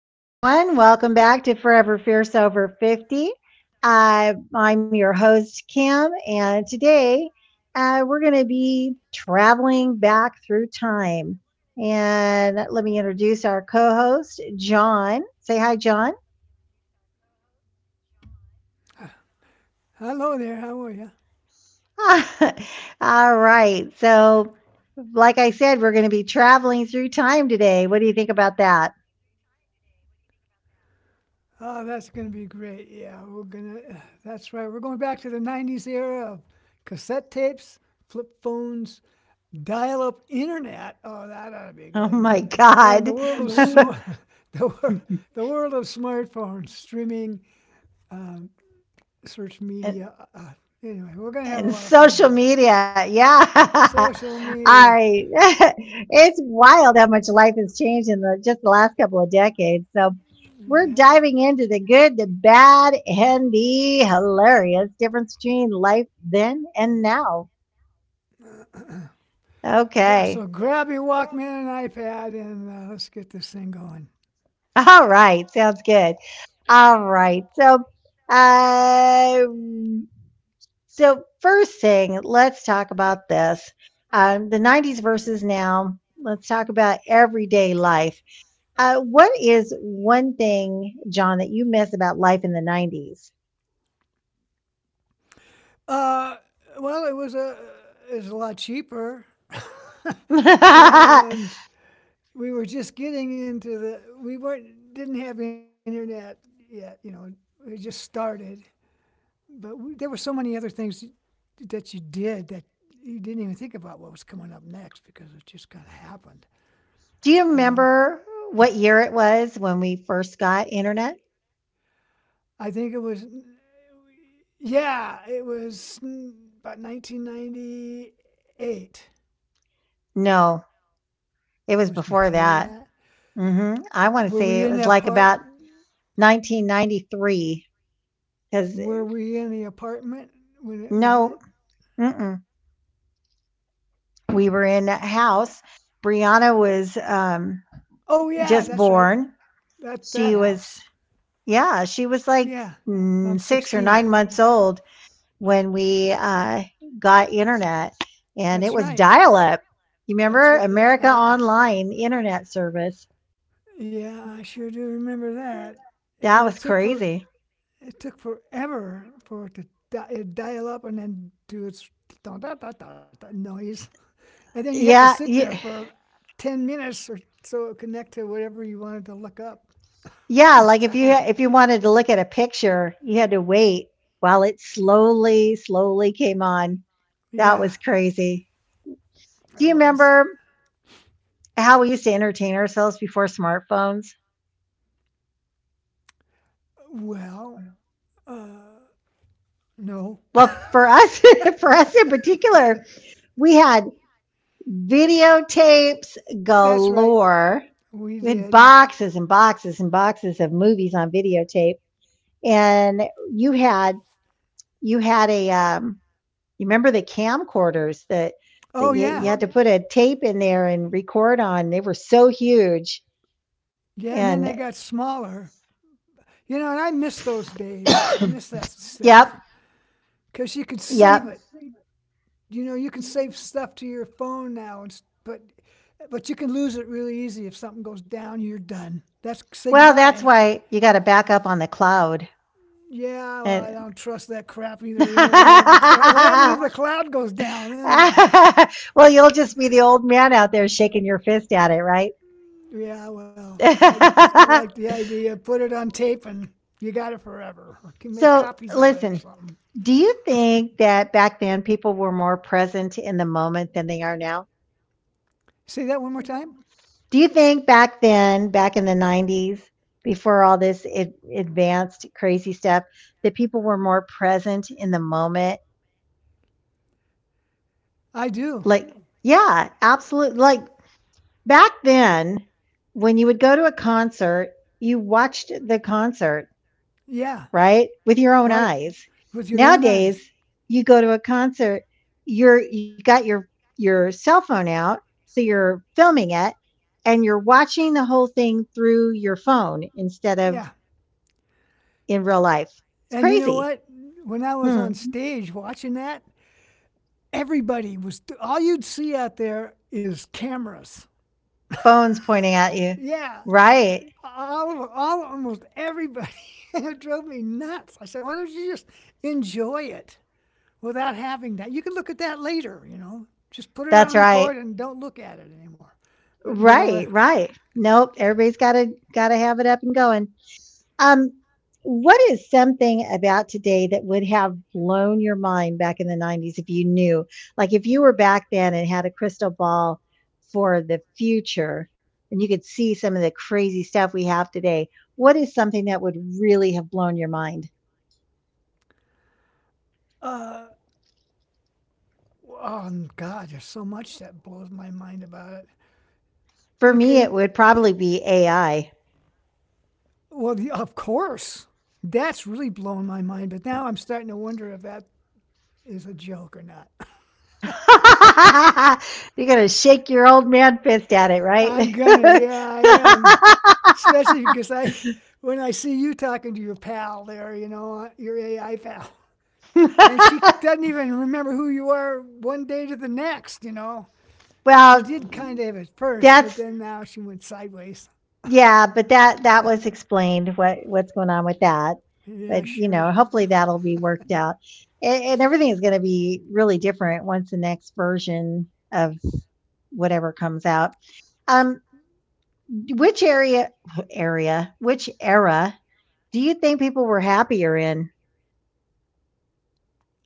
Hey everyone, welcome back to Forever Fierce Over 50. I'm your host, Kim, and today we're going to be traveling back through time. And let me introduce our co host, John. Say hi, John. Hello there. How are you? All right. Like I said, we're going to be traveling through time today. What do you think about that? Oh, that's going to be great. Yeah, we're going to. That's right. We're going back to the 90s era of cassette tapes, flip phones, dial up internet. Oh, that ought to be good. Oh my And the world God. of smart, the, wor- the world of smartphones, streaming, um, search Yes. media. Anyway, we're going to have a lot And of fun doing social that. media. Yeah. Social media. I it's wild how much life has changed in the just the last couple of decades. So we're Yeah. diving into the good, the bad, and the hilarious difference between life then and now. Yeah, Okay. so grab your Walkman and iPad and let's get this thing going. All right. Sounds good. All right. Uh First thing, let's talk about this. The 90s versus now. Let's talk about everyday life. What is one thing, John, that you miss about life in the 90s? Uh, well, it was a lot cheaper, and we were just getting into the we weren't didn't have internet yet. You know, it just started, but we, there were so many other things that you did that you didn't even think about what was coming up next because it just kind of happened. Do you You know, remember what year it was when we first got internet? I think it was. Yeah, it was about 1998. It No, it was was before before that. that. I want to Were say we it in was the like apart about 1993 because were we in the apartment when we no, had? mm-mm, we were in a house. Brianna was Oh yeah, just that's right. born. That She was, house. yeah, she was like Yeah, on six or 16th. nine months old when we got internet, and it That's was right. dial up. You remember That's right. America I Online internet service? yeah, I sure do remember that. And That it was took for crazy. it took forever for it to di- dial up and then do its da da da da noise, and then you have to Yeah, sit there y- for 10 minutes or so it connect to whatever you wanted to look up yeah. each Like if you time. if you wanted to look at a picture, you had to wait while it slowly, slowly came on. That Yeah, was crazy. it Do you was. remember how we used to entertain ourselves before smartphones? Well, uh, no. Well, for us, for us in particular, we had videotapes That's right. galore. We We had did. boxes and boxes and boxes of movies on videotape, and you had you had a you remember the camcorders that that Oh, you, you Oh, yeah. had to yeah, put a tape in there and record on. They were so huge, Yeah, and then they and got smaller. You know, and I miss those days. I miss that yep, stuff because you can save yep. it. You know, you can save stuff to your phone now, and, but you can lose it really easy if something goes down. You're done. That's say Well, that's goodbye. why you got to back up on the cloud. Yeah, well, I And don't trust that crap either. You never know if the cloud. What happens if the cloud goes down? Then what? well, you'll just be the old man out there shaking your fist at it, right? Yeah, well, I like the idea. Put it on tape and you got it forever. Or can make so, copies of it or Listen, something. do you think that back then people were more present in the moment than they are now? Say that one more time. Do you think back then, back in the 90s, before all this advanced crazy stuff, that people were more present in the moment? I do. Like, yeah, absolutely. Like back then, when you would go to a concert, you watched the concert, Yeah, right? With your own right. eyes. With your own eyes. Nowadays, you go to a concert, you got your your cell phone out, so you're filming it and you're watching the whole thing through your phone instead of Yeah. in real life. It's crazy. And you know what? When I was on Hmm. stage watching that, everybody was, all you'd see out there is cameras. Phones pointing at you. Yeah. Right. Almost everybody. It drove me nuts. I said, why don't you just enjoy it? Without having that. You can look at that later, you know. Just put it That's on right. record and don't look at it anymore. But no, Right, right. Nope. Everybody's gotta have it up and going. Um, what is something about today that would have blown your mind back in the 90s if you knew? Like if you were back then and had a crystal ball for the future and you could see some of the crazy stuff we have today, what is something that would really have blown your mind? uh, oh God, there's so much that blows my mind about it. For You me, it can, would probably be AI. well, the, of course, that's really blowing my mind. But now I'm starting to wonder if that is a joke or not. You're going to shake your old man fist at it, right? I am. Especially because I, when I see you talking to your pal there, you know, your AI pal. And she doesn't even remember who you are one day to the next, you know. She well, did kind of at first, but that's then now she went sideways. Yeah, but that was explained what what's going on with that. Yeah, But you sure. know, hopefully that'll be worked out, and everything is going to be really different once the next version of whatever comes out. Um, which area area which era do you think people were happier in,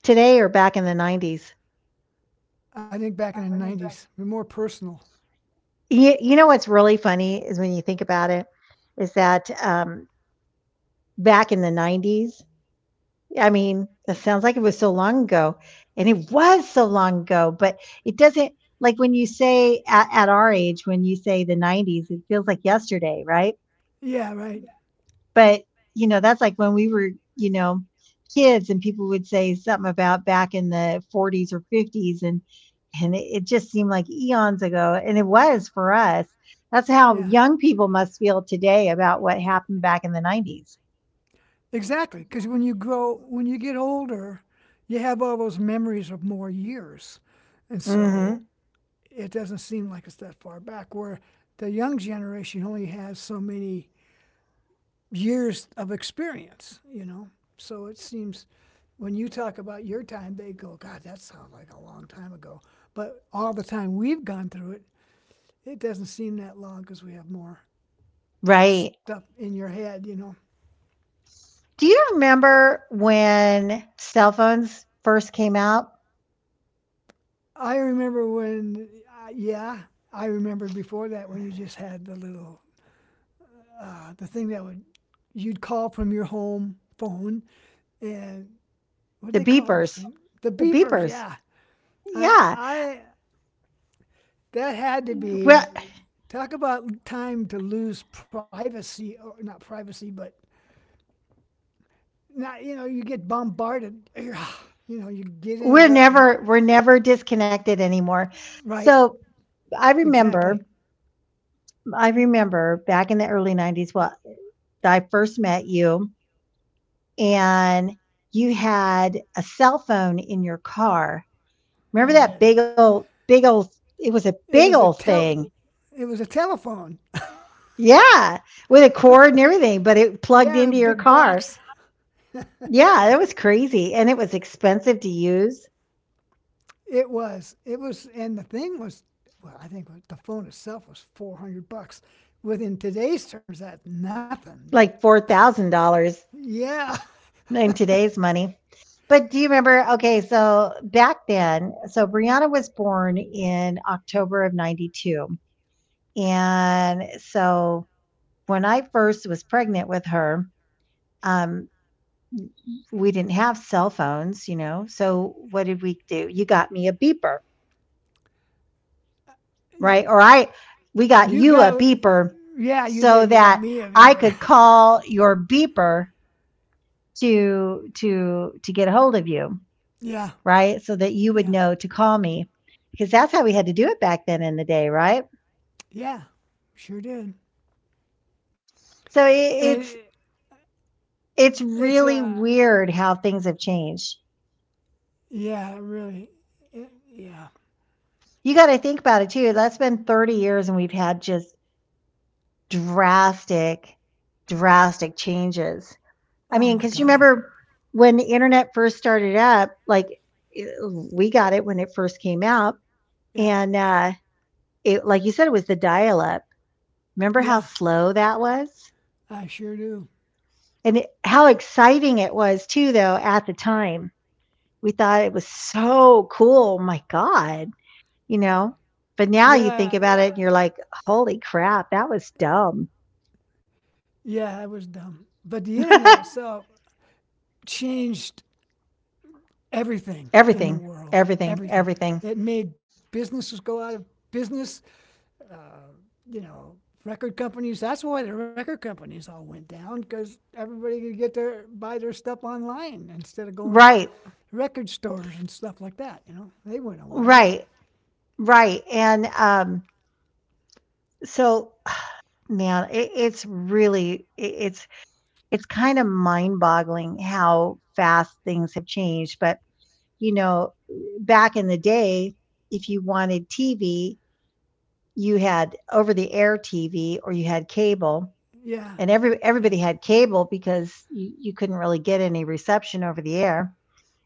today or back in the 90s? I think back in the 90s, more personal. You know what's really funny is when you think about it, is that back in the 90s, I mean, that sounds like it was so long ago, and it was so long ago, but it doesn't, like when you say at our age, when you say the 90s, it feels like yesterday, right? Yeah, right. But, you know, that's like when we were, you know, kids and people would say something about back in the 40s or 50s and it just seemed like eons ago and it was for us. That's how Yeah. young people must feel today about what happened back in the 90s. Exactly, because when you grow, when you get older, you have all those memories of more years. And so Mhm. it doesn't seem like it's that far back, where the young generation only has so many years of experience, you know. So it seems when you talk about your time, they go, God, that sounds like a long time ago. But all the time we've gone through it, it doesn't seem that long because we have more Right. stuff in your head, you know. Do you remember when cell phones first came out? I remember when, yeah, I remember before that when you just had the little, the thing that would, you'd call from your home phone and what do The they call those beepers. things? The The beepers, beepers. yeah. Uh, Yeah. I, that had to Well, be talk about time to lose privacy or not privacy, but not you know you get bombarded, you know you get we're interrupted. never we're never disconnected anymore. Right, So I remember, exactly. I remember back in the early 90s, well, I first met you and you had a cell phone in your car. I Remember that did. big old it was a It big was a old tel, thing. it was a telephone. Yeah. With a cord and everything, but it plugged Yeah, a into your big car. box. Yeah, Yeah, that was crazy, and it was expensive to use, it was. It was, and the thing was, well, I think the phone itself was 400 bucks. Within today's terms, that's nothing. But like $4,000 yeah, in today's money. But do you remember, okay, so back then, so Brianna was born in October of '92, and so when I first was pregnant with her, um, we didn't have cell phones, you know, so what did we do? You got me a beeper, right? Or I we got You you a got, beeper yeah, you so did. You got that me a I beaver. could call your beeper to to get a hold of you, Yeah, right? So that you would yeah, know to call me because that's how we had to do it back then in the day, right? yeah, sure did. So And it's it's really weird how things have changed. yeah, really, it, yeah. You got to think about it too. That's been 30 years and we've had just drastic drastic changes. I Oh mean, my cuz you God, remember when the internet first started up, like eh, we got it when it first came out yeah, and it, like you said, it was the dial up. Remember how yeah, slow that was? I sure do. And how exciting it was too though at the time. We thought it was so cool. My god, you know? But now you think Yeah, about it and you're like, "Holy crap, that was dumb." yeah, I was dumb. But the internet itself changed everything in the Everything, world. everything, Everything. everything. It made businesses go out of business. You know, record companies. That's why the record companies all went down because everybody could get their buy their stuff online instead of going to Right. record stores and stuff like that. You know, they went away. Right. Right. And so man, it, it's really it, it's kind of mind-boggling how fast things have changed, but you know, back in the day, if you wanted TV, you had over the air TV or you had cable, Yeah, and yeah, everybody had cable because you couldn't really get any reception over the air.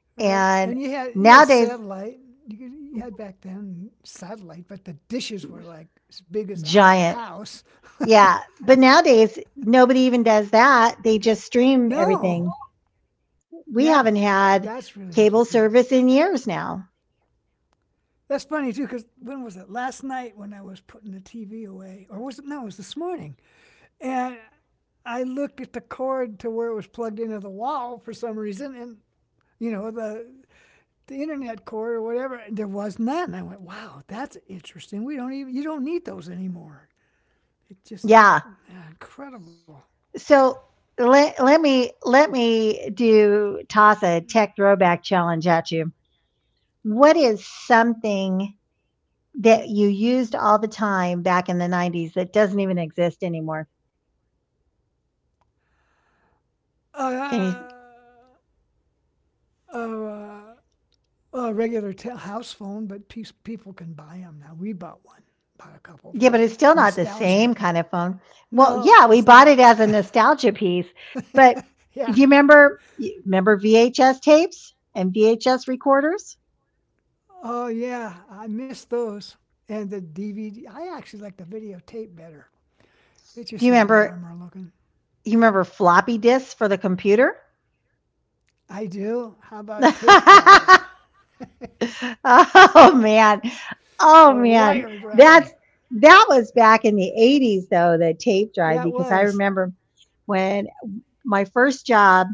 right. And And you had nowadays, satellite. You had back then satellite, but the dishes were like as big as a giant. house. Yeah, but nowadays nobody even does that. They just stream No, everything. yeah, We haven't that's really had interesting. cable service in years now. That's funny too, because when was it? Last night when I was putting the TV away, or was it? No, it was this morning. And I looked at the cord to where it was plugged into the wall for some reason, and you know the internet cord or whatever, there was none. I went, wow, that's interesting. We don't even you don't need those anymore. It just Yeah. ah, incredible. So let let me do toss a tech throwback challenge at you. What is something that you used all the time back in the 90s that doesn't even exist anymore? Can you Uh, uh, uh, uh, a regular house phone, but people can buy them now. We bought one, bought a couple Yeah, but for it's still not the nostalgia. same kind of phone. Well, No, yeah, we it's bought not. it as a nostalgia piece, but Yeah. do you remember VHS tapes and VHS recorders? Oh, yeah. I missed those. And the DVD. I actually like the videotape better. It Do you just was remember warmer looking. You remember floppy disks for the computer? I do. How about tape drive Oh man. Oh or man. wire That's drive? that was back in the 80s though, the tape drive Yeah, it because I was. remember when my first job,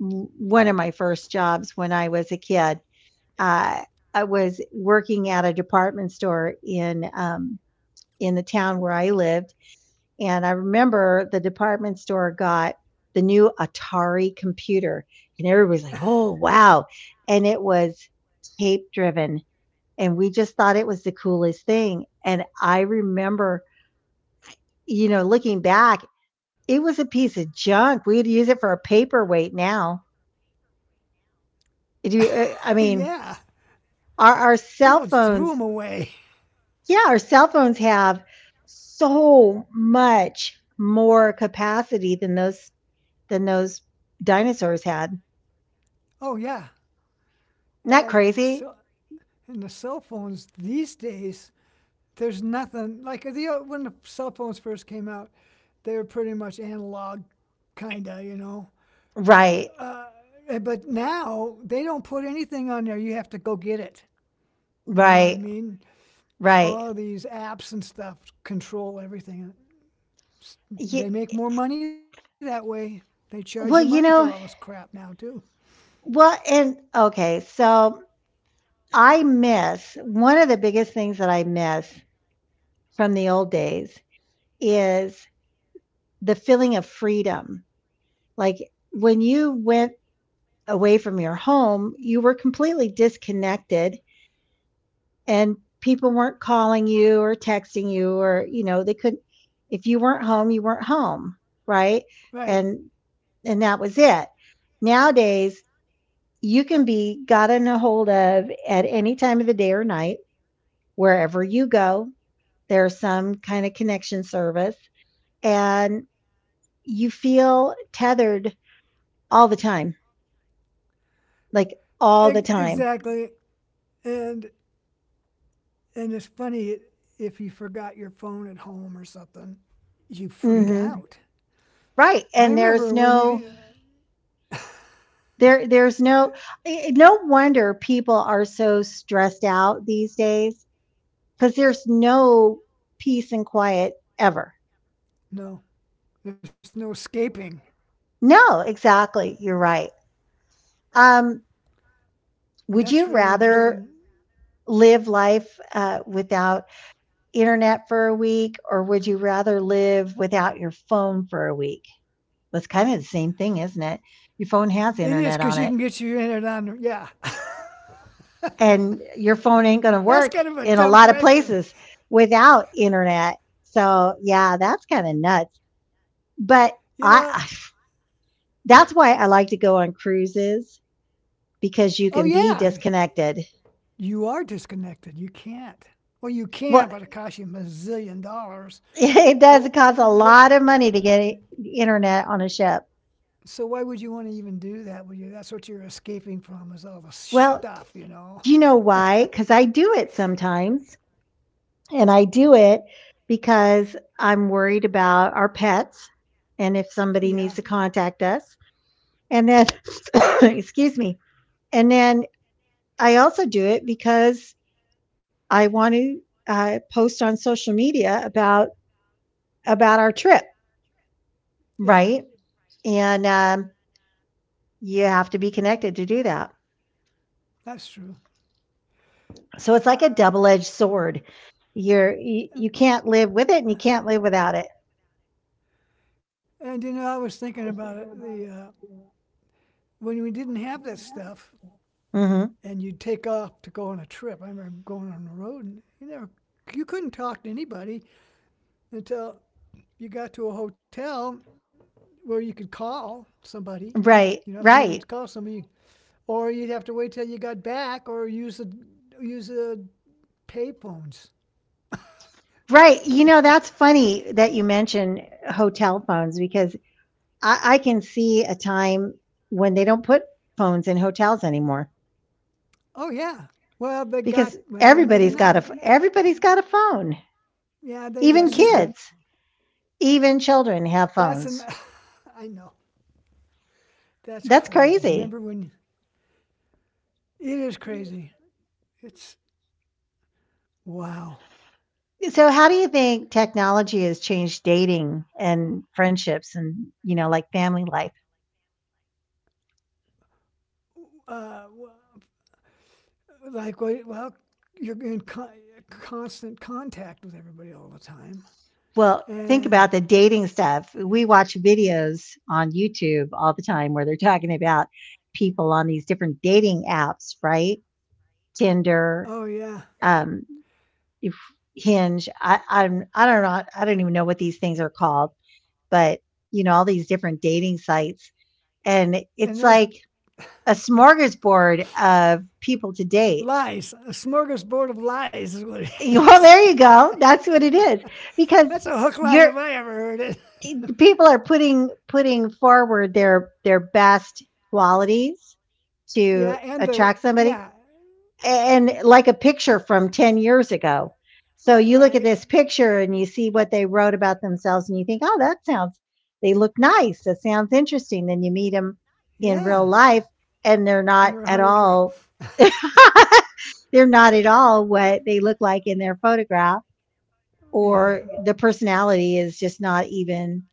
one of my first jobs when I was a kid, uh, I was working at a department store in the town where I lived, and I remember the department store got the new Atari computer, and everybody's like, "Oh wow!" and it was tape driven and we just thought it was the coolest thing. And I remember, you know, looking back, it was a piece of junk. We'd use it for a paperweight now. Yeah. I mean, People our threw them cell away. phones, yeah, our cell phones have so much more capacity than those dinosaurs had. Isn't Oh, yeah. that And crazy? so, and the cell phones these days, there's nothing like the when the cell phones first came out, they were pretty much analog, kinda, you know. Right, But now they don't put anything on there. You have to go get it. You know what I right, mean? right. All these apps and stuff control everything. They Ye- make more money that way. They charge you money for all well, this you crap know, now too. well, and okay, so I miss one of the biggest things that I miss from the old days is the feeling of freedom. Like, when you went away from your home, you were completely disconnected and people weren't calling you or texting you or, you know, they couldn't, if you weren't home, you weren't home, right? Right. And and that was it. Nowadays, you can be gotten a hold of at any time of the day or night, wherever you go, there's some kind of connection service, and you feel tethered all the time, like all the time. Exactly. And and it's funny if you forgot your phone at home or something, you freak hmm out. Right. I And remember when you there's no, no wonder people are so stressed out these days because there's no peace and quiet ever. No, there's no escaping. No, exactly. You're right. Um, That's would you really interesting. rather live life without internet for a week, or would you rather live without your phone for a week? That's kind of the same thing, isn't it? Your phone has It is internet because on you it, can get your internet on. Yeah, and your phone ain't going to that's work kind of a in a dumb lot of question. places without internet. So, yeah, that's kind of nuts. But You I, know, I, that's why I like to go on cruises because you oh can be yeah, disconnected. you are disconnected. You can't. Well, you Well, can, but it costs you a zillion dollars. it But does cost a what? lot of money to get internet on a ship. So why would you want to even do that? Would you? That's what you're escaping from is all the Well, stuff, you know. do you know why? Because I do it sometimes. And I do it because I'm worried about our pets and if somebody needs Yeah, to contact us. And then, excuse me. And then I also do it because I want to post on social media about our trip, yeah, right? And you have to be connected to do that. that's true. So it's like a Uh, double edged sword. You, you can't live with it, and you can't live without it. and you know, I was thinking about it. The when we didn't have that stuff, Hmm and you'd take off to go on a trip. I remember going on the road, and you never, you couldn't talk to anybody until you got to a hotel where you could call somebody. You know, Right, if you needed to right. call somebody, or you'd have to wait till you got back, or use the use the pay phones. Right. You You know, know. that's funny that you mention hotel phones because I can see a time when they don't put phones in hotels anymore Oh yeah. Well, they got. because Well, maybe everybody's got not. a ph- Right. Everybody's got a phone. Yeah, they, Even Right. that's true. Even children have That's an. phones. I know. That's crazy. That's Remember crazy. when? It is crazy. It's wow. So how do you think technology has changed dating and friendships and, you know, like family life? uh, like well, you're in constant contact with everybody all the time. Well, think And about the dating stuff. We watch videos on YouTube all the time where they're talking about people on these different dating apps, right? oh Tinder, yeah. um, if- Hinge. I don't know. I don't even know what these things are called, but you know all these different dating sites, and And those it's like a smorgasbord of people to date. lies, a smorgasbord of lies is what it is. Well, there you go. That's what it is That's because a hook line if you're I ever heard it. people are putting forward their best qualities Yeah, to and the attract somebody, yeah, and like a picture from 10 years ago. So you look at right, this picture and you see what they wrote about themselves and you think, oh, that sounds they look nice, that sounds interesting. Then you meet them yeah, in real life and and they're they're 100 not years. at all they're not at all what they look like in their photograph, Yeah, or the personality is just not even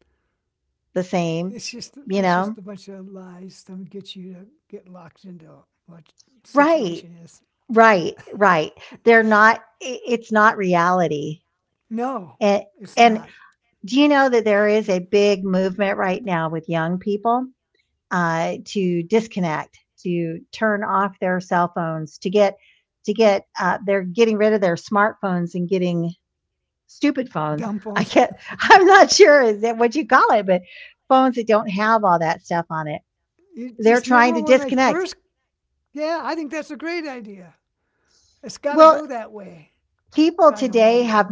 the same, it's just you a know bunch of lies to get you to get locked into what the Right, situation is. right. They're not I It's not reality. No, And it's and not. do you know that there is a big movement right now with young people, to disconnect, to turn off their cell phones, to get, they're getting rid of their smartphones and getting stupid Dumb phones. phones. I can't I'm not sure, is that what you call it? But phones that don't have all You just remember when they first? Yeah, I think that's a great idea. It's got to go that way. I don't know,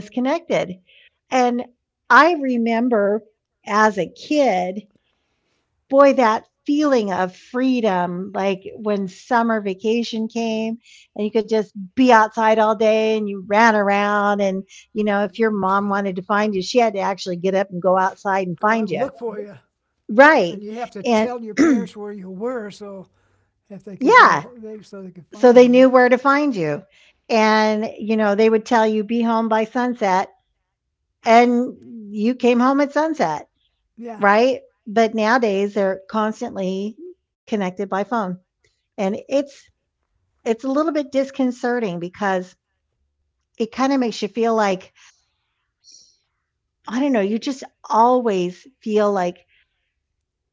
disconnected. And I remember as a kid, boy, that feeling of freedom, like when summer vacation came and you could just be outside all day and you ran around. And, you know, if your but mom wanted to find you, she had to actually get up and go outside and go out and find you. look for you, and Right. you have to And tell your parents where you were, so if they could get a yeah, they so they could so find they you. knew where to find you. And, you know, they would tell you, be home by sunset. And you came home at sunset. Yeah, Right. But nowadays they're constantly connected by phone. And it's a little bit disconcerting because it kind of makes you feel like, I don't know, you just always feel like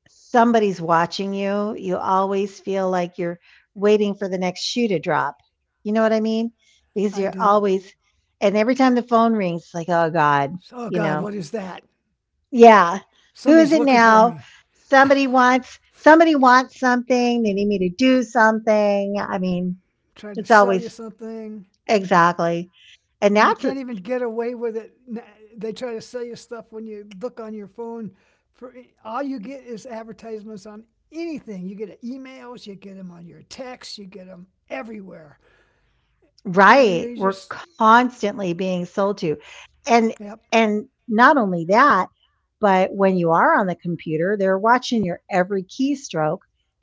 somebody's watching you. You always feel like you're waiting for the next shoe to drop. You know what I mean? Because I you're do. always, and every time the phone rings, it's like, oh God, So, oh you God, what know, is that? yeah, who is it Somebody's looking for now? me. Somebody wants something. They need me to do something. I mean, Tried it's to sell you always something. exactly. And And you that's can't even get away with it. They try to sell you stuff when you look on your phone. For all you get is advertisements on anything. You get emails, you get them on your texts, you get them everywhere. You know, Right, you're we're just constantly being sold to, and yep, not only that, but when you are on the computer, they're watching your every keystroke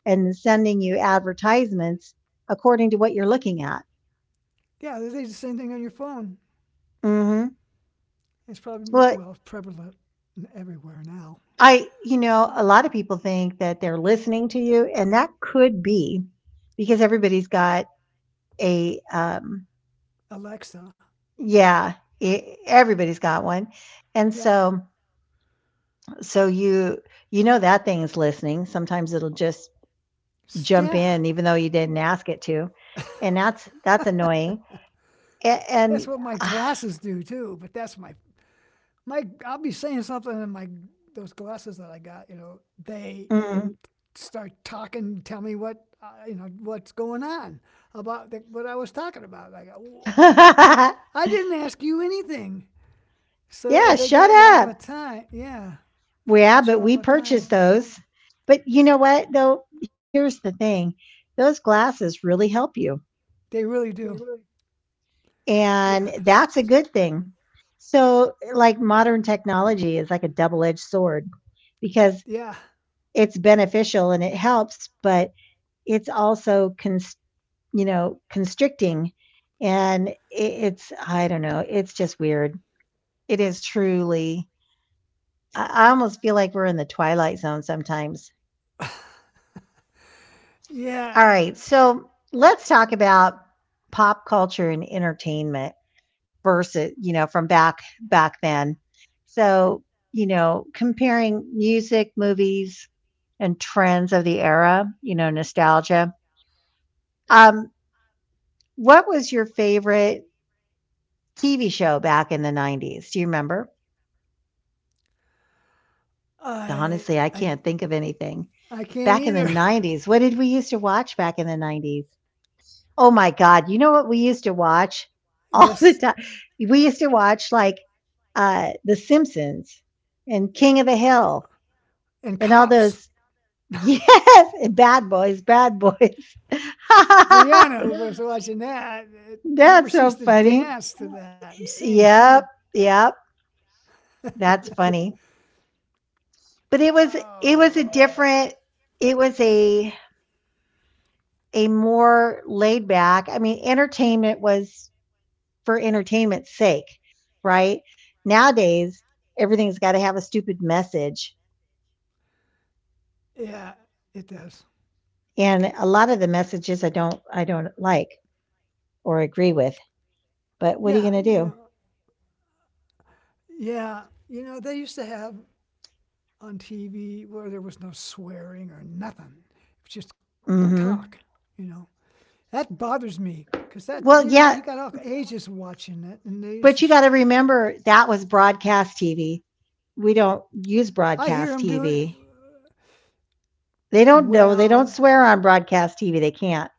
and sending you advertisements according to what you're looking at. yeah. They do the same thing on your phone. Mhm. It's probably more Well, well prevalent everywhere now. I you know, a lot of people think that they're listening to you, and that could be because everybody's got a, um Alexa, yeah, e everybody's got one, and yeah, so So you you know that thing's listening. Sometimes it'll just jump yeah. in even though you didn't ask it to. And that's annoying. A- That's And, what my uh, glasses do too. But that's my my. I'll be saying something in my those glasses that I got. You know, they mm. start talking, tell me what you know what's going on about the, what I was talking about. Like, "Wha- how, I didn't ask you anything, so Yeah, they shut got you all up. the time. Yeah, Yeah, but got you we all the purchased time. those. But you know what though? Here's the thing. Those glasses really help you. They really do. And Yes. that's a good thing. So like modern technology is like a double-edged sword because Yeah. it's beneficial and it helps, but it's also cons- you know, constricting. And it's i don't know, it's just weird. It is truly I almost feel like we're in the twilight zone sometimes. All Yeah. right, so let's talk about pop culture and entertainment versus, you know, from back then. So you know, comparing music, movies and trends of the era, you know, nostalgia. um what was your favorite TV show back in the '90s? Do you remember? I Honestly, I I can't think of anything. I can't Back in the either. '90s, what did we used to watch back in the '90s? Oh my God. You know what we used to watch all the Yes, time? We used to watch like The Simpsons and King of the Hill and and all cops. those. Yes, and Bad Boys, Bad Boys. Brianna was watching that. Remember, That's she so used to funny. dance to that and sing. Yep, yep. That's funny. But it was Oh, a different it was a more laid back, I mean, entertainment was for entertainment's sake, right? Nowadays, everything's got to have a stupid message. yeah, it does. And a lot of the messages I don't like or agree with. But what are you Yeah, going to you know, do? yeah, they used to have on TV where there was no swearing or nothing. It was just Hmm talk, you know. That bothers me because that, Well, you know, yeah, you got all ages watching it, and they but you just, got to remember that was broadcast TV. We don't use I hear broadcast them doing TV. They don't know. They don't well. swear on broadcast TV. They can't.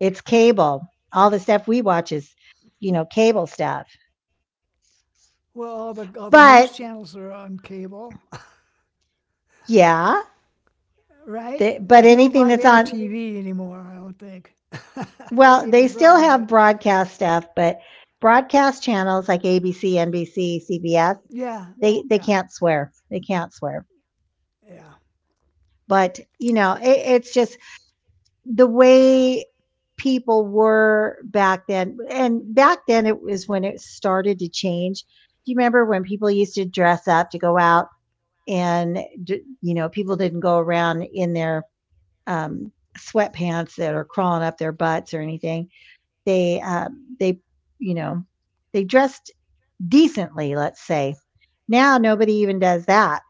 It's cable. All the stuff we watch is, you know, cable stuff. Well, all the news channels are But on cable, yeah, right? There's no but live air anything that's on, TV anymore. I don't think. I may well, be they wrong, still but have broadcast stuff, but broadcast channels like ABC, NBC, CBS, yeah, they yeah, can't swear. They can't swear. yeah. But you know, it's just the way people were back then, and back then it was when it started to change. Do you remember when people used to dress up to go out, and you know, people didn't go around in their um, sweatpants that are crawling up their butts or anything. They they you know they dressed decently. Let's say now nobody even does that.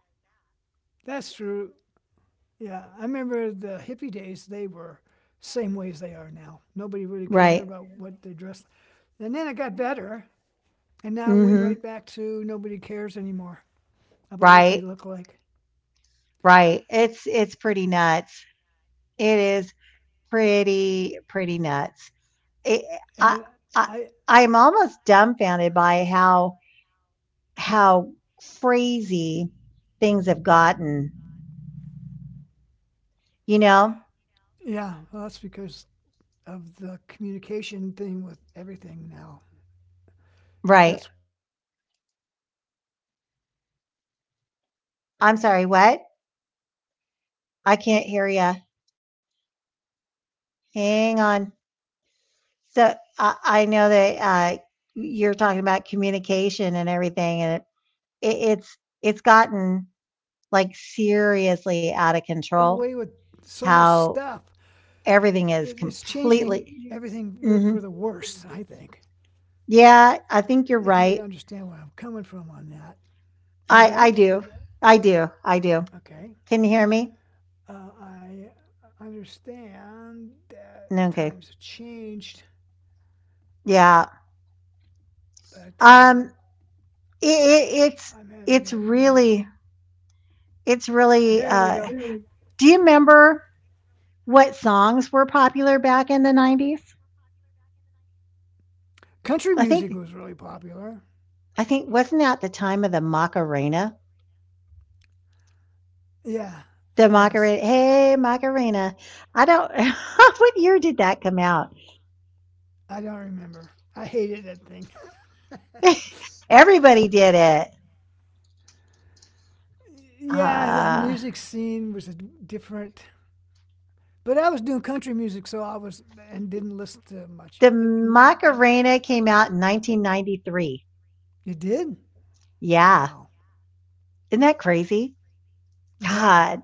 That's true. Yeah, I remember the hippie days. They were same way as they are now. Nobody really cared Right. about what they dressed. And then it got better, and now it went right Mm-hmm. back to nobody cares anymore about what they Right. look like. Right. It's pretty nuts. It is pretty nuts. It, I And I I, I'm almost dumbfounded by how how crazy things have gotten. You know. yeah, well, that's because of the communication thing with everything now. Right. That's I'm sorry. What? I can't hear you. Hang on. So I know that you're talking about communication and everything, and it's gotten like seriously out of control. How everything is completely. Hmm Yeah, I think you're right. I do. I do. I do. Can you hear me? No, Okay. Yeah. Um. It, it, it's it's really it's really. Uh, do you remember What songs were popular back in the '90s? I think I think wasn't that the time of the Macarena? The Macarena, "Hey Macarena." I don't what year did that come out? Everybody did it. Uh, the Macarena came out in 1993. Yeah. Isn't that crazy? God,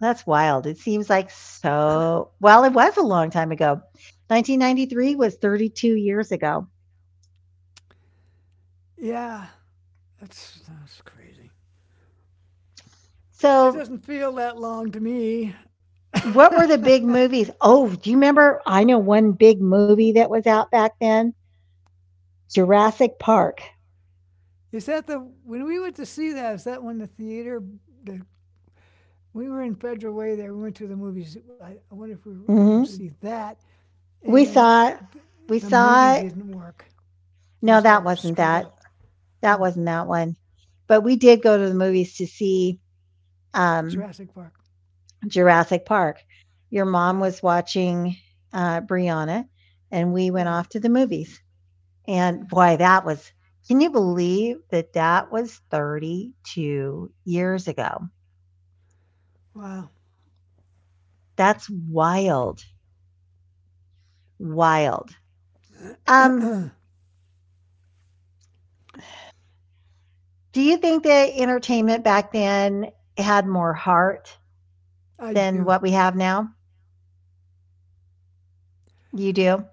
that's wild. It seems like so well, it was a long time ago. 1993 was 32 years ago. So what were the big movies? Oh, do you remember I know one big movie that was out back then, Jurassic Park. Mhm. We saw it we saw it, no, that wasn't that. That wasn't that one. But we did go to the movies to see, um, Jurassic Park. Your mom was watching, Brianna, and we went off to the movies. And boy, that was can you believe that that was 32 years ago? That's wild. Wild. Um, do you think that entertainment back then had more heart than what we have now? You do?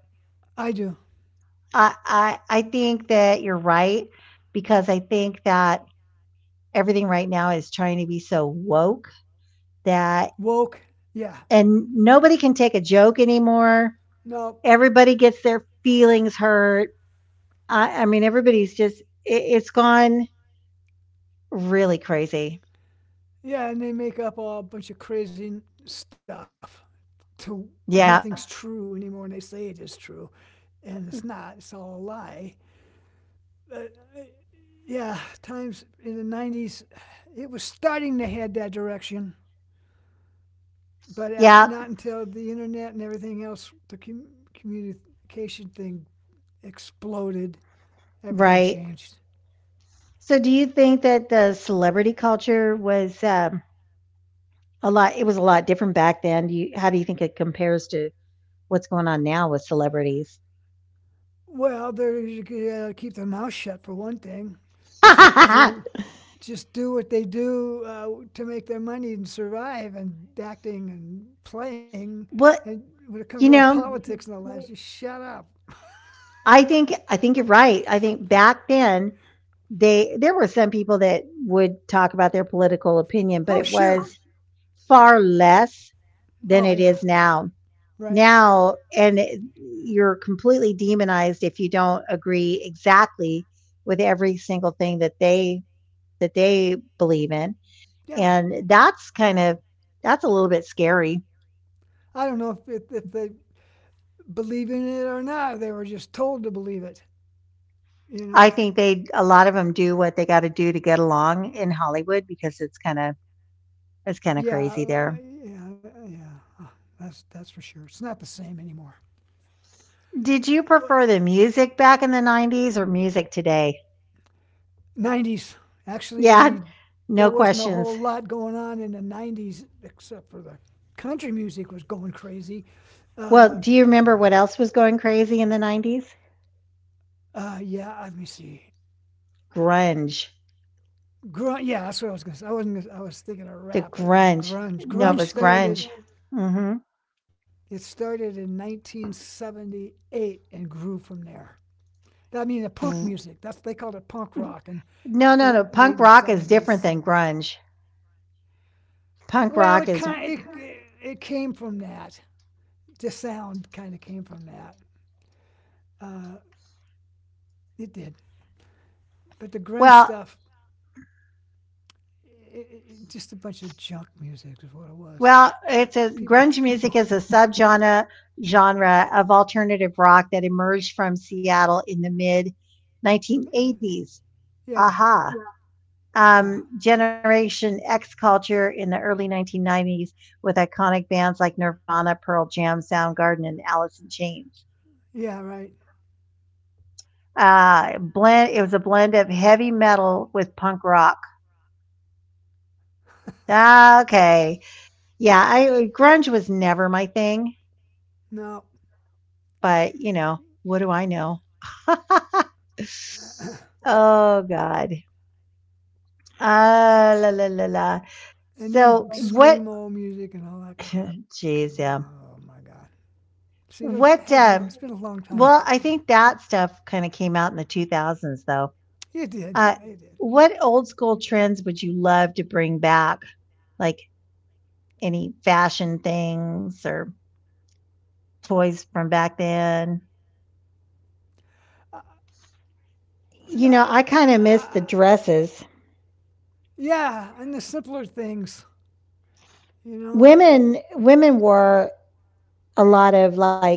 I think that you're right because I think that everything right now is trying to be so woke that and nobody can take a joke anymore. Everybody gets their feelings hurt. I mean, everybody's just, it's gone really crazy. Yeah. Yeah. Right. So do you think that the celebrity culture was, a lot it was a lot different back then? Do you how do you think it compares to what's going on now with celebrities? Well, you know, I think you're right. I think back then they there were some people that would talk about their political opinion, but it was far less than it is now. Now you're completely demonized if you don't agree exactly with every single thing that they believe in. And that's that's a little bit scary. I think they a lot of them do what they got to do to get along in Hollywood because it's it's kind of crazy there. Did you prefer the music back in the '90s or music today? Grunge. The grunge No, it was grunge. Mm-hmm. No, no, no. Punk rock is different than grunge. Punk rock is Well, well, it's a grunge music is a subgenre genre of alternative rock that emerged from Seattle in the mid 1980s. Aha. Yeah. Generation X culture in the early 1990s with iconic bands like Nirvana, Pearl Jam, Soundgarden, and Alice in Chains. Blend. It was a blend of heavy metal with punk rock. Ah, okay. Yeah, I grunge was never my thing, but, you know, what do I know? Oh god. Ah, la la la la. So what jeez, yeah. What, uh well, I think that stuff kinda came out in the 2000s though. Uh, what old school trends would you love to bring back? Like, any fashion things or toys from back then? You know, I kinda miss the dresses. Women wore a lot of like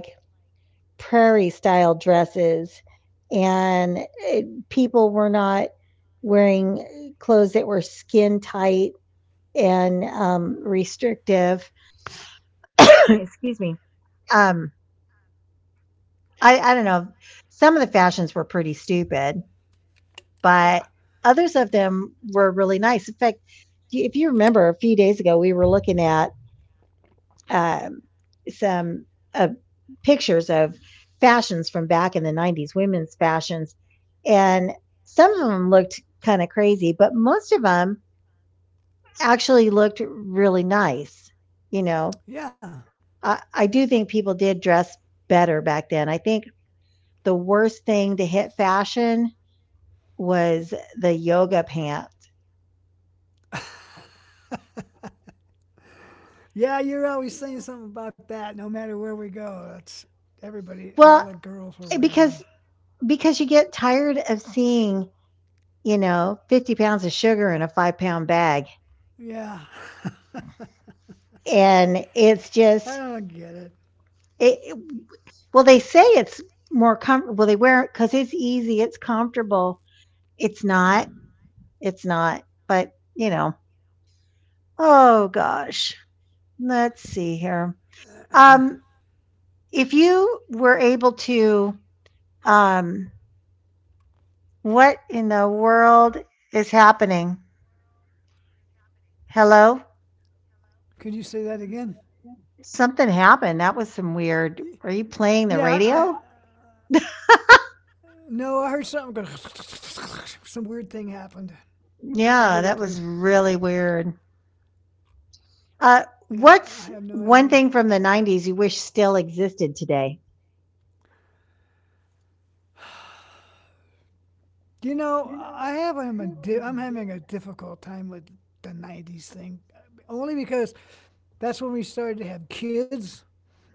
prairie style dresses and eh, people were not wearing clothes that were skin tight and restrictive. Excuse me. um I don't know, some of the fashions were pretty stupid, but others of them were really nice. In fact, if you remember a few days ago we were looking at um some uh, pictures of fashions from back in the 90s, women's fashions. And some of them looked kind of crazy, but most of them actually looked really nice. You know, I do think people did dress better back then. I think the worst thing to hit fashion was the yoga pants. Well, because because you get tired of seeing, you know, 50 lbs of sugar in a 5 pound bag. And it's just, it, well, they say it's more comfortable. They wear it because it's easy, it's comfortable. It's not. It's not. But you know. Oh gosh. Let's see here. Um, if you were able to, um, what in the world is happening? Hello. Something happened. That was some weird. Are you playing the radio? Yeah, that was really weird. What's one thing from the '90s you wish still existed today?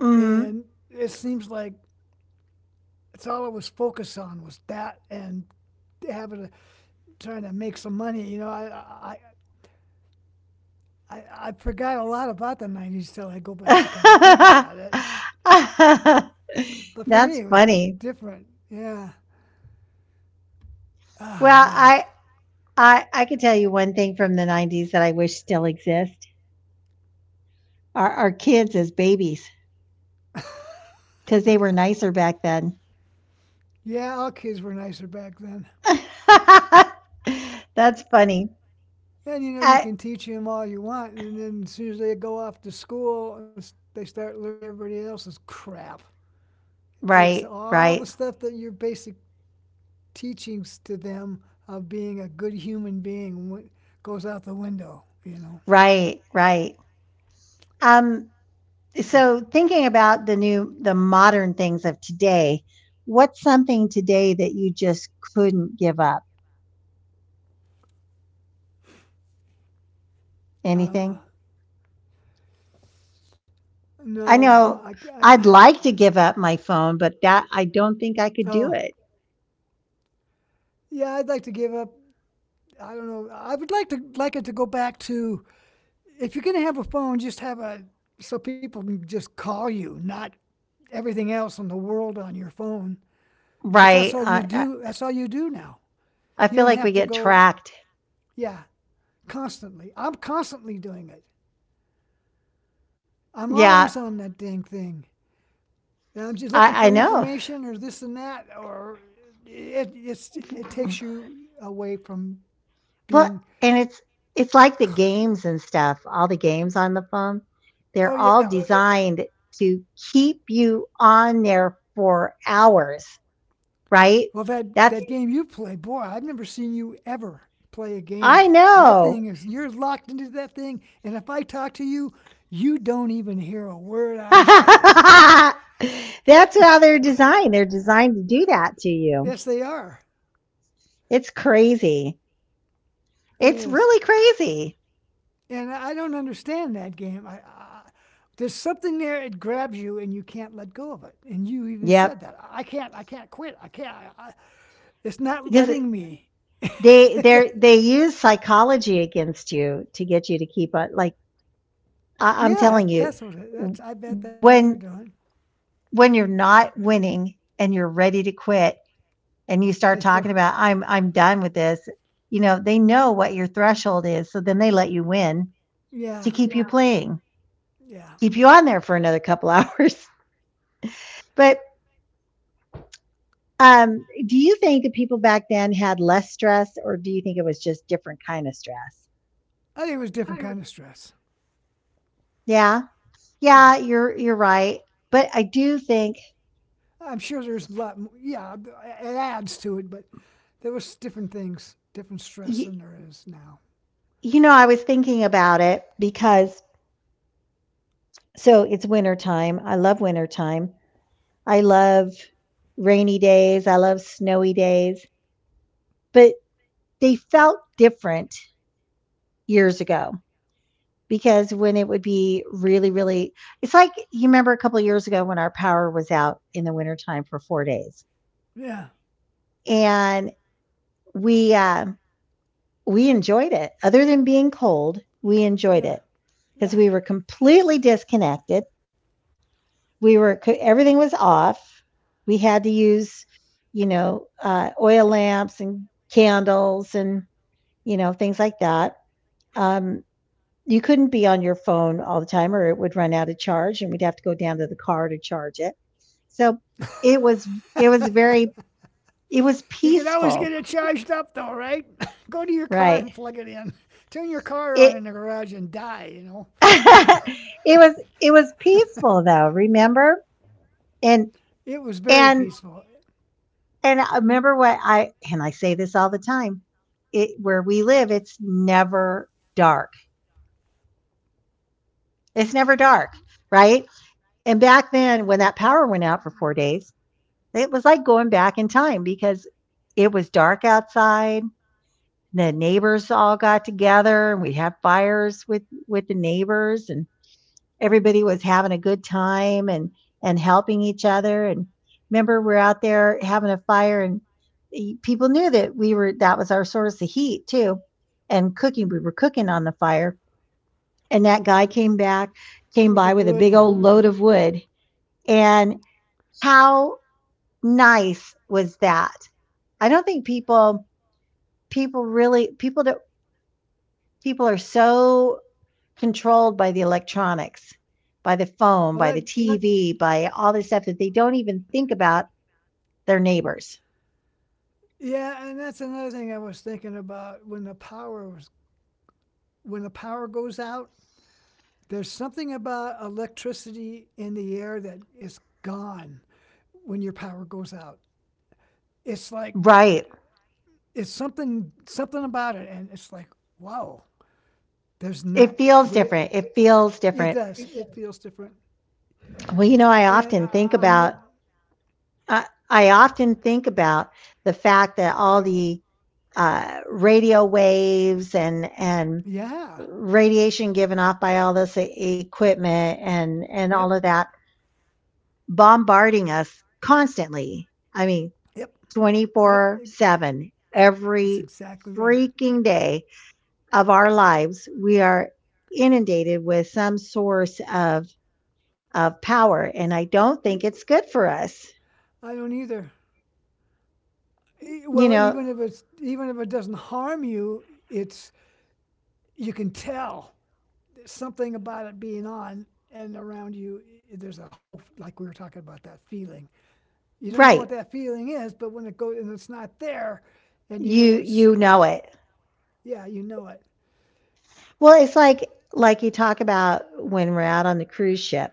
Mm-hmm. That's funny. Well, I can tell you one thing from the 90s that I wish still exists: our kids as babies, because they were nicer back then. That's funny. I, right, right, right. Um, so thinking about the modern things of today, what's something today that you just couldn't give up? Anything? I know I'd like to give up my phone, but that I don't think I could do it. Right. I feel like we get tracked. Yeah, I know. Well, and it's like the games and stuff. All the games on the phone, they're all designed to keep you on there for hours, right? That's I know. That's how they're designed. They're designed to do that to you. It's crazy. It's really crazy. Yep. Because they use psychology against you to get you to keep on like I'm telling you when when you're not winning and you're ready to quit and you start talking about I'm done with this, you know, they know what your threshold is, so then they let you win to keep you playing, keep you on there for another couple hours. But do you think that people back then had less stress, or do you think it was just different kind of stress? Yeah, yeah, you're right. But I do think you, you know I was thinking about it because so it's winter time. I love winter time. I love rainy days. I love snowy days. But they felt different years ago because when it would be really it's like you remember a couple years ago when our power was out in the wintertime for 4 days, and we uh, we enjoyed it. Other than being cold, we enjoyed it because we were completely disconnected. We were everything was off. We had to use, you know, oil lamps and candles and you know things like that. Um, you couldn't be on your phone all the time, or it would run out of charge, and we'd have to go down to the car to charge it. So it was it was very it was peaceful, right? It it was it was peaceful though, remember, and and and I remember what I say this all the time, it where we live it's never dark, it's never dark, right? And back then when that power went out for 4 days, it was like going back in time because it was dark outside. The neighbors all got together and we had fires with the neighbors. And everybody was having a good time and helping each other. And remember we're out there having a fire and people knew that we were that was our source of heat too, and cooking, we were cooking on the fire, and that guy came by with a big old load of wood, and how nice was that? I don't think people people really people do people are so controlled by the electronics, by the phone, by the TV, by all the stuff, that they don't even think about their neighbors. Right. It feels different. It feels different. Well, you know, I often think about the fact that all the radio waves and radiation given off by all this equipment and all of that bombarding us constantly. I mean, 24/7. Every freaking day of our lives, we are inundated with some source of power. And I don't think it's good for us. You know, right. You know it. Well, it's like you talk about when we're out on the cruise ship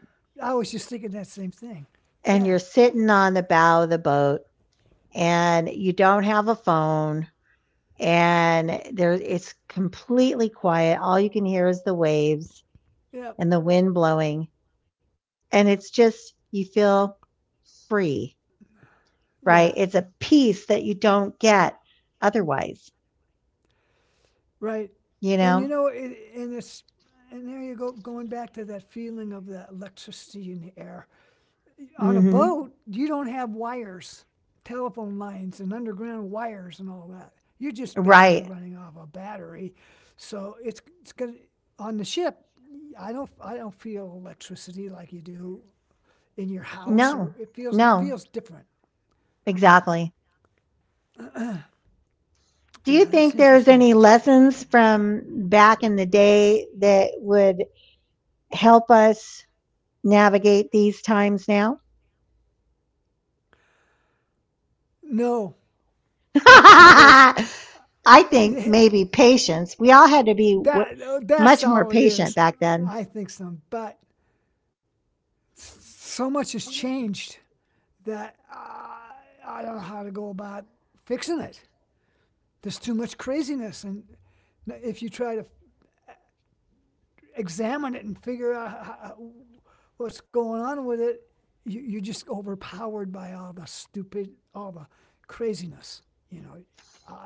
and you're sitting on the bow of the boat and you don't have a phone and there it's completely quiet, all you can hear is the waves and the wind blowing. And it's just, you feel free, right? It's a peace that you don't get otherwise, you know? Hmm. Right. No, no, exactly. Do you think there's any lessons from back in the day that would help us navigate these times now? I think maybe patience. We all had to be much more patient back then.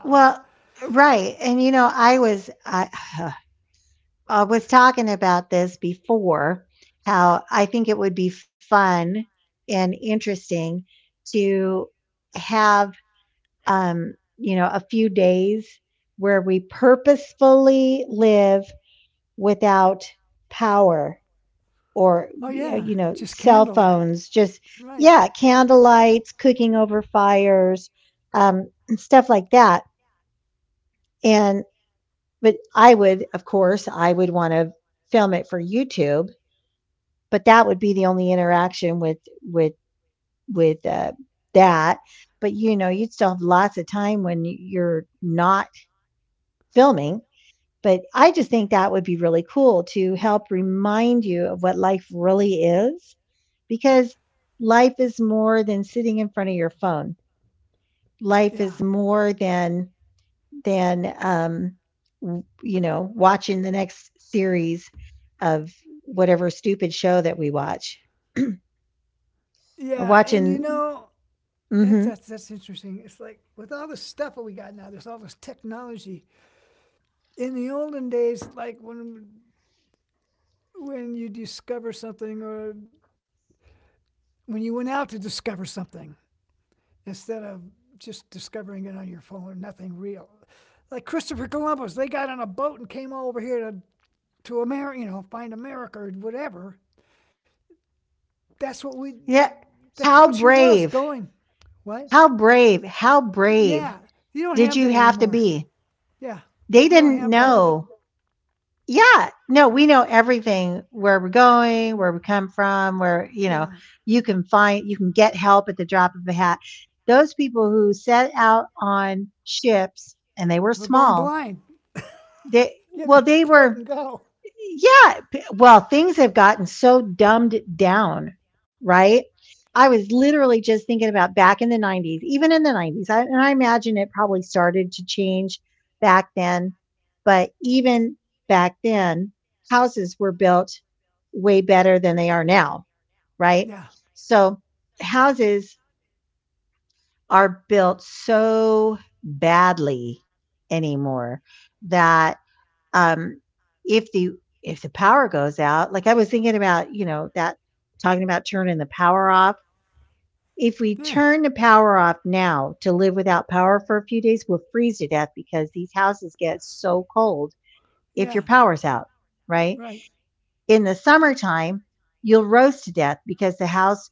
Well, right. And you know, I was talking about this before how I think it would be fun and interesting to have you know, a few days where we purposefully live without power or you know, cell phones, just yeah, candle lights, cooking over fires, and stuff like that. But I would, of course, I would want to film it for YouTube, but that would be the only interaction with with uh, that. But you know, you'd still have lots of time when you're not filming. But I just think that would be really cool to help remind you of what life really is, because life is more than sitting in front of your phone. Life is more than than um you know watching the next series of whatever stupid show that we watch or watching. Hmm. Yeah. how brave how brave did you have to be? They didn't know. Yeah, no, we know everything, where we're going, where we come from, where you know, you can find, you can get help at the drop of a hat. Those people who set out on ships and they were small. They well, they were, yeah. Well, things have gotten so dumbed down, right? I was literally just thinking about back in the '90s, even in the '90s, and I imagine it probably started to change back then. But even back then, houses were built way better than they are now, right? So houses are built so badly anymore that. Um, if the power goes out, like I was thinking about, you know, that talking about turning the power off. If we turn the power off now to live without power for a few days, we'll freeze to death because these houses get so cold if your power's out, right? In the summertime, you'll roast to death because the house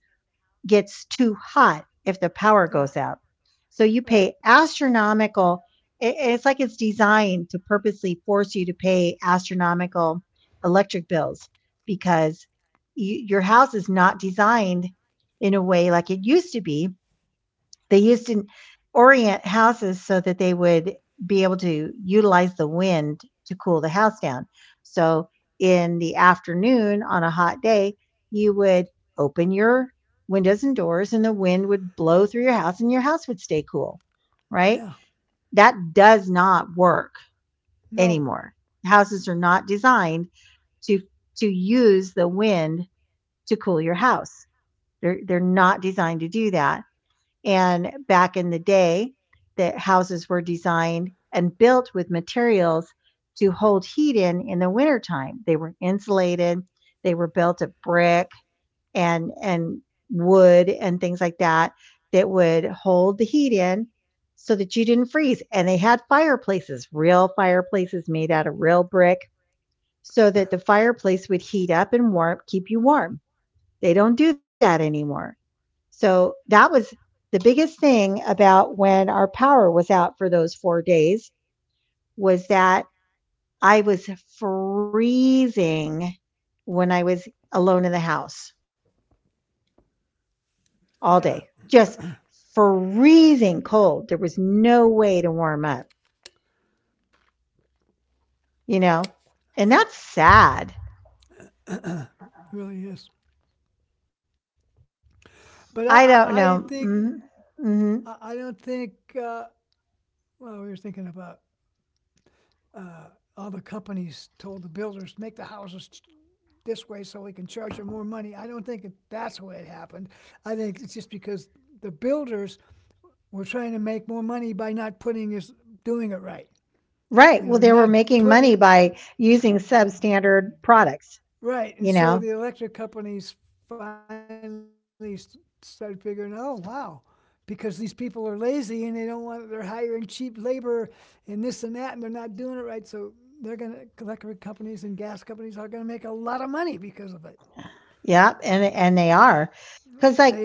gets too hot if the power goes out. So you pay astronomical. It's like it's designed to purposely force you to pay astronomical electric bills because your house is not designed in a way like it used to be. They used to orient houses so that they would be able to utilize the wind to cool the house down. So in the afternoon on a hot day, you would open your windows and doors and the wind would blow through your house and your house would stay cool, right? That does not work anymore. Houses are not designed to use the wind to cool your house. They're not designed to do that. And back in the day, the houses were designed and built with materials to hold heat in the wintertime. They were insulated, they were built of brick and wood and things like that, that would hold the heat in so that you didn't freeze. And they had fireplaces, real fireplaces made out of real brick, so that the fireplace would heat up and warm, keep you warm. They don't do that anymore. So that was the biggest thing about when our power was out for those 4 days, was that I was freezing when I was alone in the house all day, just freezing cold. There was no way to warm up, you know, and that's sad. I don't know. Mhm. Mhm. Right. Well, they were making money by using substandard products, you know. Yep, and they are, because like,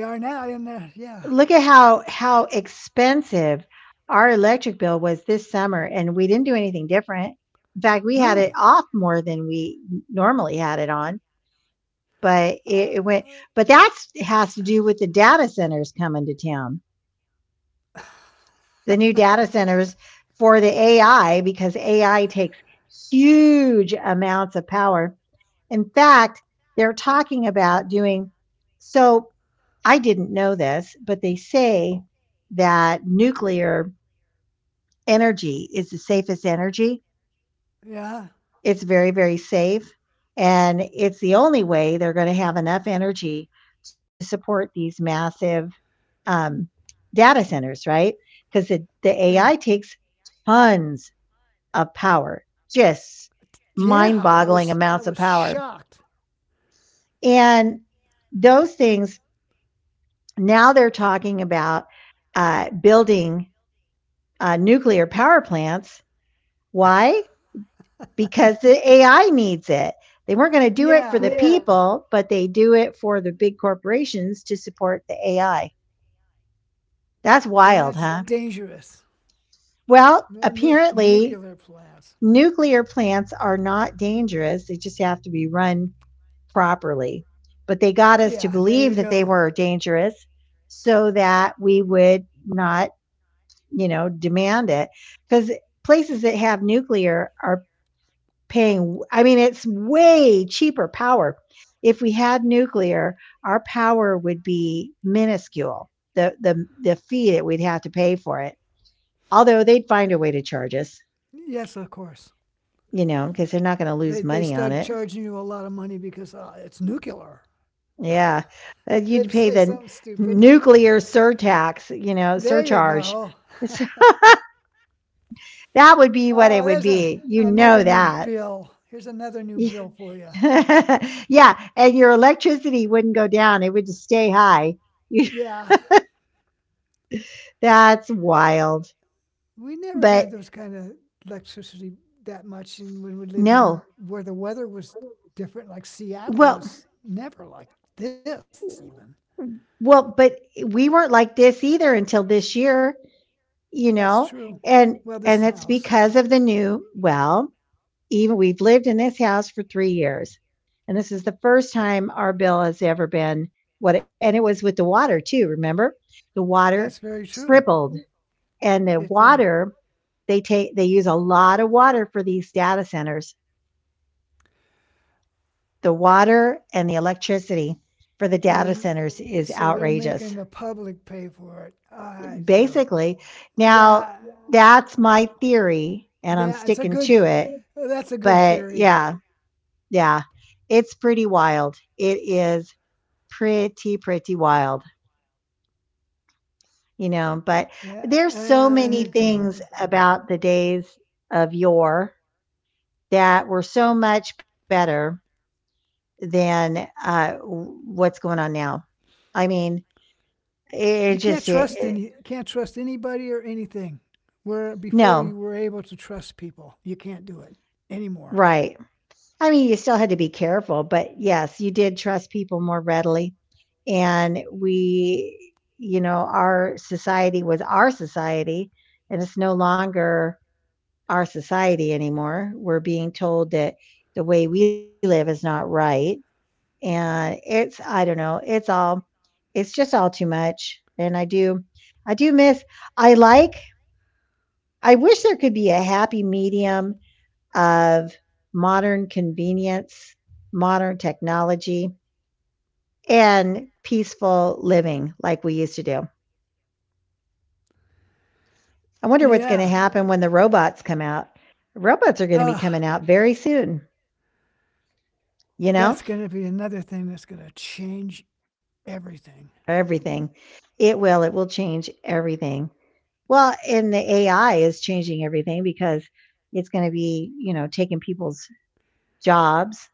look at how expensive our electric bill was this summer, and we didn't do anything different. In fact, we had it off more than we normally had it on, but it went. But that has to do with the data centers coming to town. The new data centers for the AI, because AI takes huge amounts of power. In fact, they're talking about doing so. I didn't know this, but they say that nuclear energy is the safest energy. It's very, very safe. And it's the only way they're going to have enough energy to support these massive um, data centers, right? Because the AI takes tons of power, just mind boggling amounts of power. And those things, now they're talking about building nuclear power plants. Why? Because the AI needs it. They weren't going to do it for the people, but they do it for the big corporations to support the AI. That's wild, huh? Well, apparently, nuclear plants are not dangerous. They just have to be run properly. But they got us to believe that they were dangerous so that we would not demand it. Because places that have nuclear are paying, I mean, it's way cheaper power. If we had nuclear, our power would be minuscule, the fee that we'd have to pay for it. Although they'd find a way to charge us, because they're not going to lose money on it. Yeah. You'd pay the nuclear surtax, you know, surcharge. It's- that would be what it would be, you know that. Yeah, and your electricity wouldn't go down, it would just stay high. That's wild. But no. Well, but we weren't like this either until this year, you know? And and that's because of the new, well, even we've lived in this house for 3 years. And this is the first time our bill has ever been, what? And it was with the water too, remember? The water tripled, and the water, they take, they use a lot of water for these data centers. The water and the electricity for the data centers is outrageous. Basically, now, that's my theory and I'm sticking to it. But yeah, it's pretty wild. It is pretty, pretty wild, you know. But there's so many things about the days of yore that were so much better than what's going on now. I mean, it just, no. Right. I mean, you still had to be careful, but yes, you did trust people more readily. And we, you know, our society was our society, and it's no longer our society anymore. We're being told that the way we live is not right. And it's, I don't know, it's all, it's just all too much. And I do miss, I like, I wish there could be a happy medium of modern convenience, modern technology, and peaceful living like we used to do. I wonder what's going to happen when the robots come out. Robots are going to be coming out very soon, you know, everything. It will change everything. Well, and the AI is changing everything because it's going to be, you know, taking people's jobs.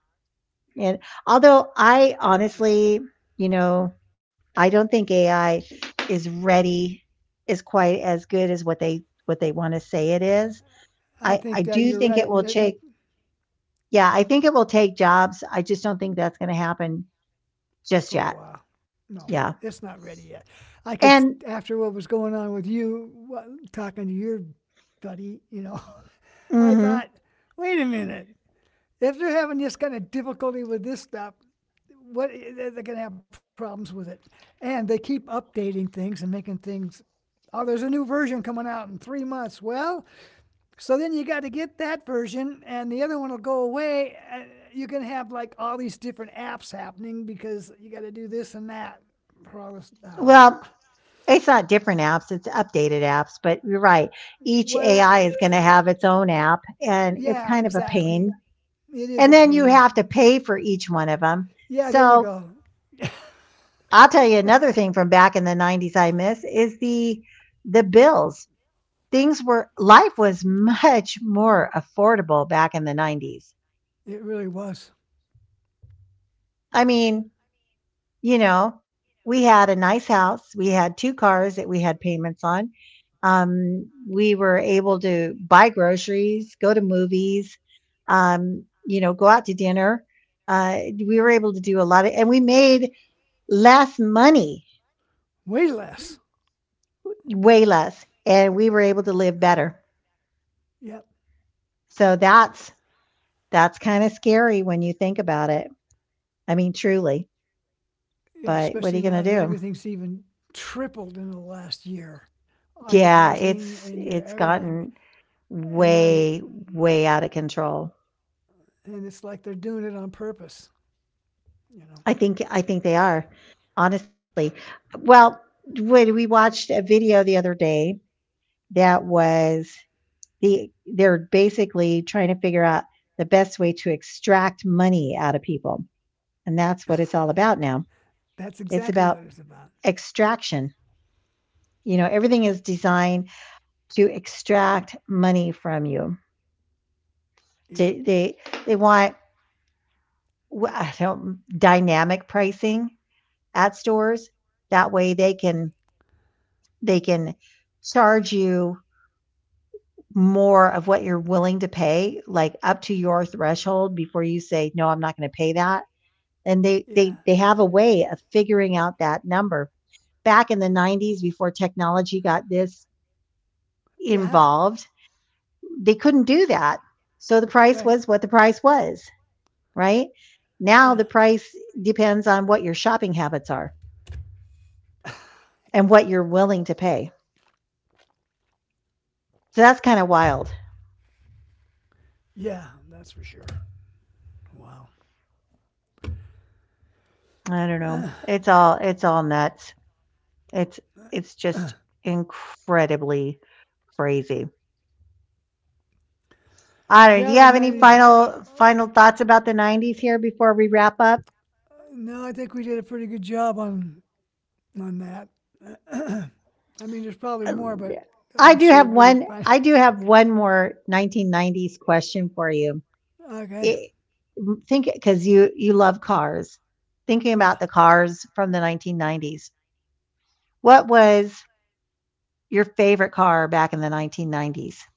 And although I honestly, you know, I don't think AI is ready, is quite as good as what they want to say it is. I do think it will take. Yeah, I think it will take jobs. I just don't think that's going to happen just yet. Yeah, and hmm well, it's not different apps; it's updated apps. But you're right. Each AI is going to have its own app, and it's kind of a pain. And then you have to pay for each one of them. So I'll tell you another thing from back in the 90s I miss is the bills. Things were, life was much more affordable back in the 90s. I mean, you know, we had a nice house, we had two cars that we had payments on. We were able to buy groceries, go to movies, you know, go out to dinner. Uh we were able to do a lot of, and we made less money, way less, and we were able to live better. So that's kind of scary when you think about it. I mean, truly, but what are you going to do? Yeah, it's gotten way, way out of control. I think they are. Honestly. Well, when we watched a video the other day that was, the they're basically trying to figure out the best way to extract money out of people. And that's what it's all about now. It's about extraction. You know, everything is designed to extract money from you. They they, they want, I don't, dynamic pricing at stores. That way they can charge you more of what you're willing to pay, like up to your threshold before you say, no, I'm not going to pay that. And they have a way of figuring out that number. Back in the 90s, before technology got this involved, they couldn't do that. So the price was what the price was, right? Now the price depends on what your shopping habits are and what you're willing to pay. So that's kind of wild. I don't know. It's all, it's all nuts. It's it's just incredibly crazy. I don't know. Do you have any final thoughts about the '90s here before we wrap up? I do have one. I do have one more 1990s question for you. It, think because you love cars. Thinking about the cars from the 1990s, what was your favorite car back in the 1990s?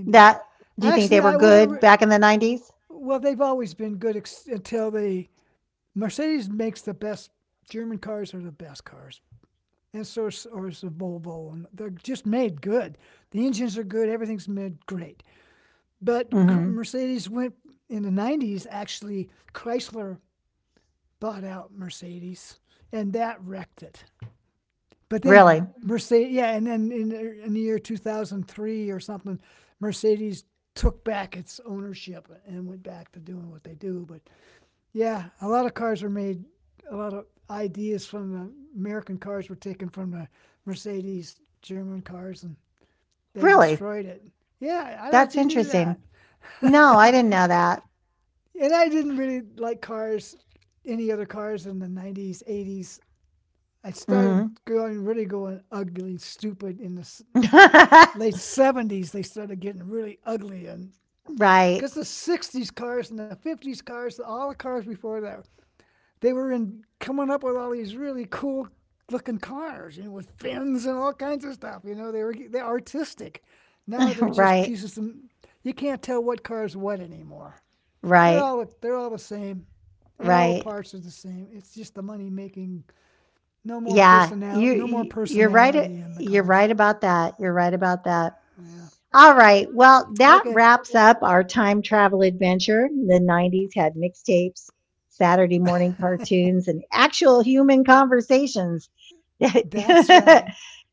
That, do you think they were good back in the 90s? Hmm. Really? Really? That's interesting. No, I didn't know that. Hmm. Right. Right. Right. Right. Yeah, you're right. You're right about that. You're right about that. All right. Well, that wraps up our time travel adventure. The 90s had mixtapes, Saturday morning cartoons, and actual human conversations. That's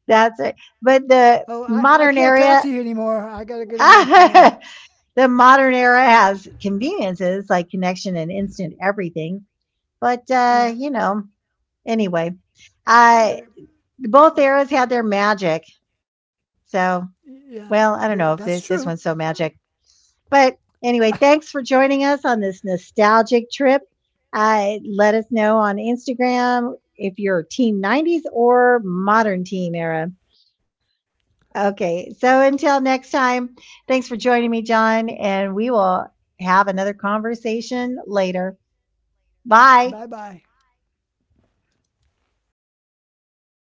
it. But the modern era, the modern era has conveniences like connection and instant everything. But, you know, anyway, uh, both eras had their magic. So, well, I don't know if this one's so magic. But anyway, thanks for joining us on this nostalgic trip. Let us know on Instagram if you're Team 90s or Modern Team Era. Okay, so until next time, thanks for joining me, John, and we will have another conversation later. Bye.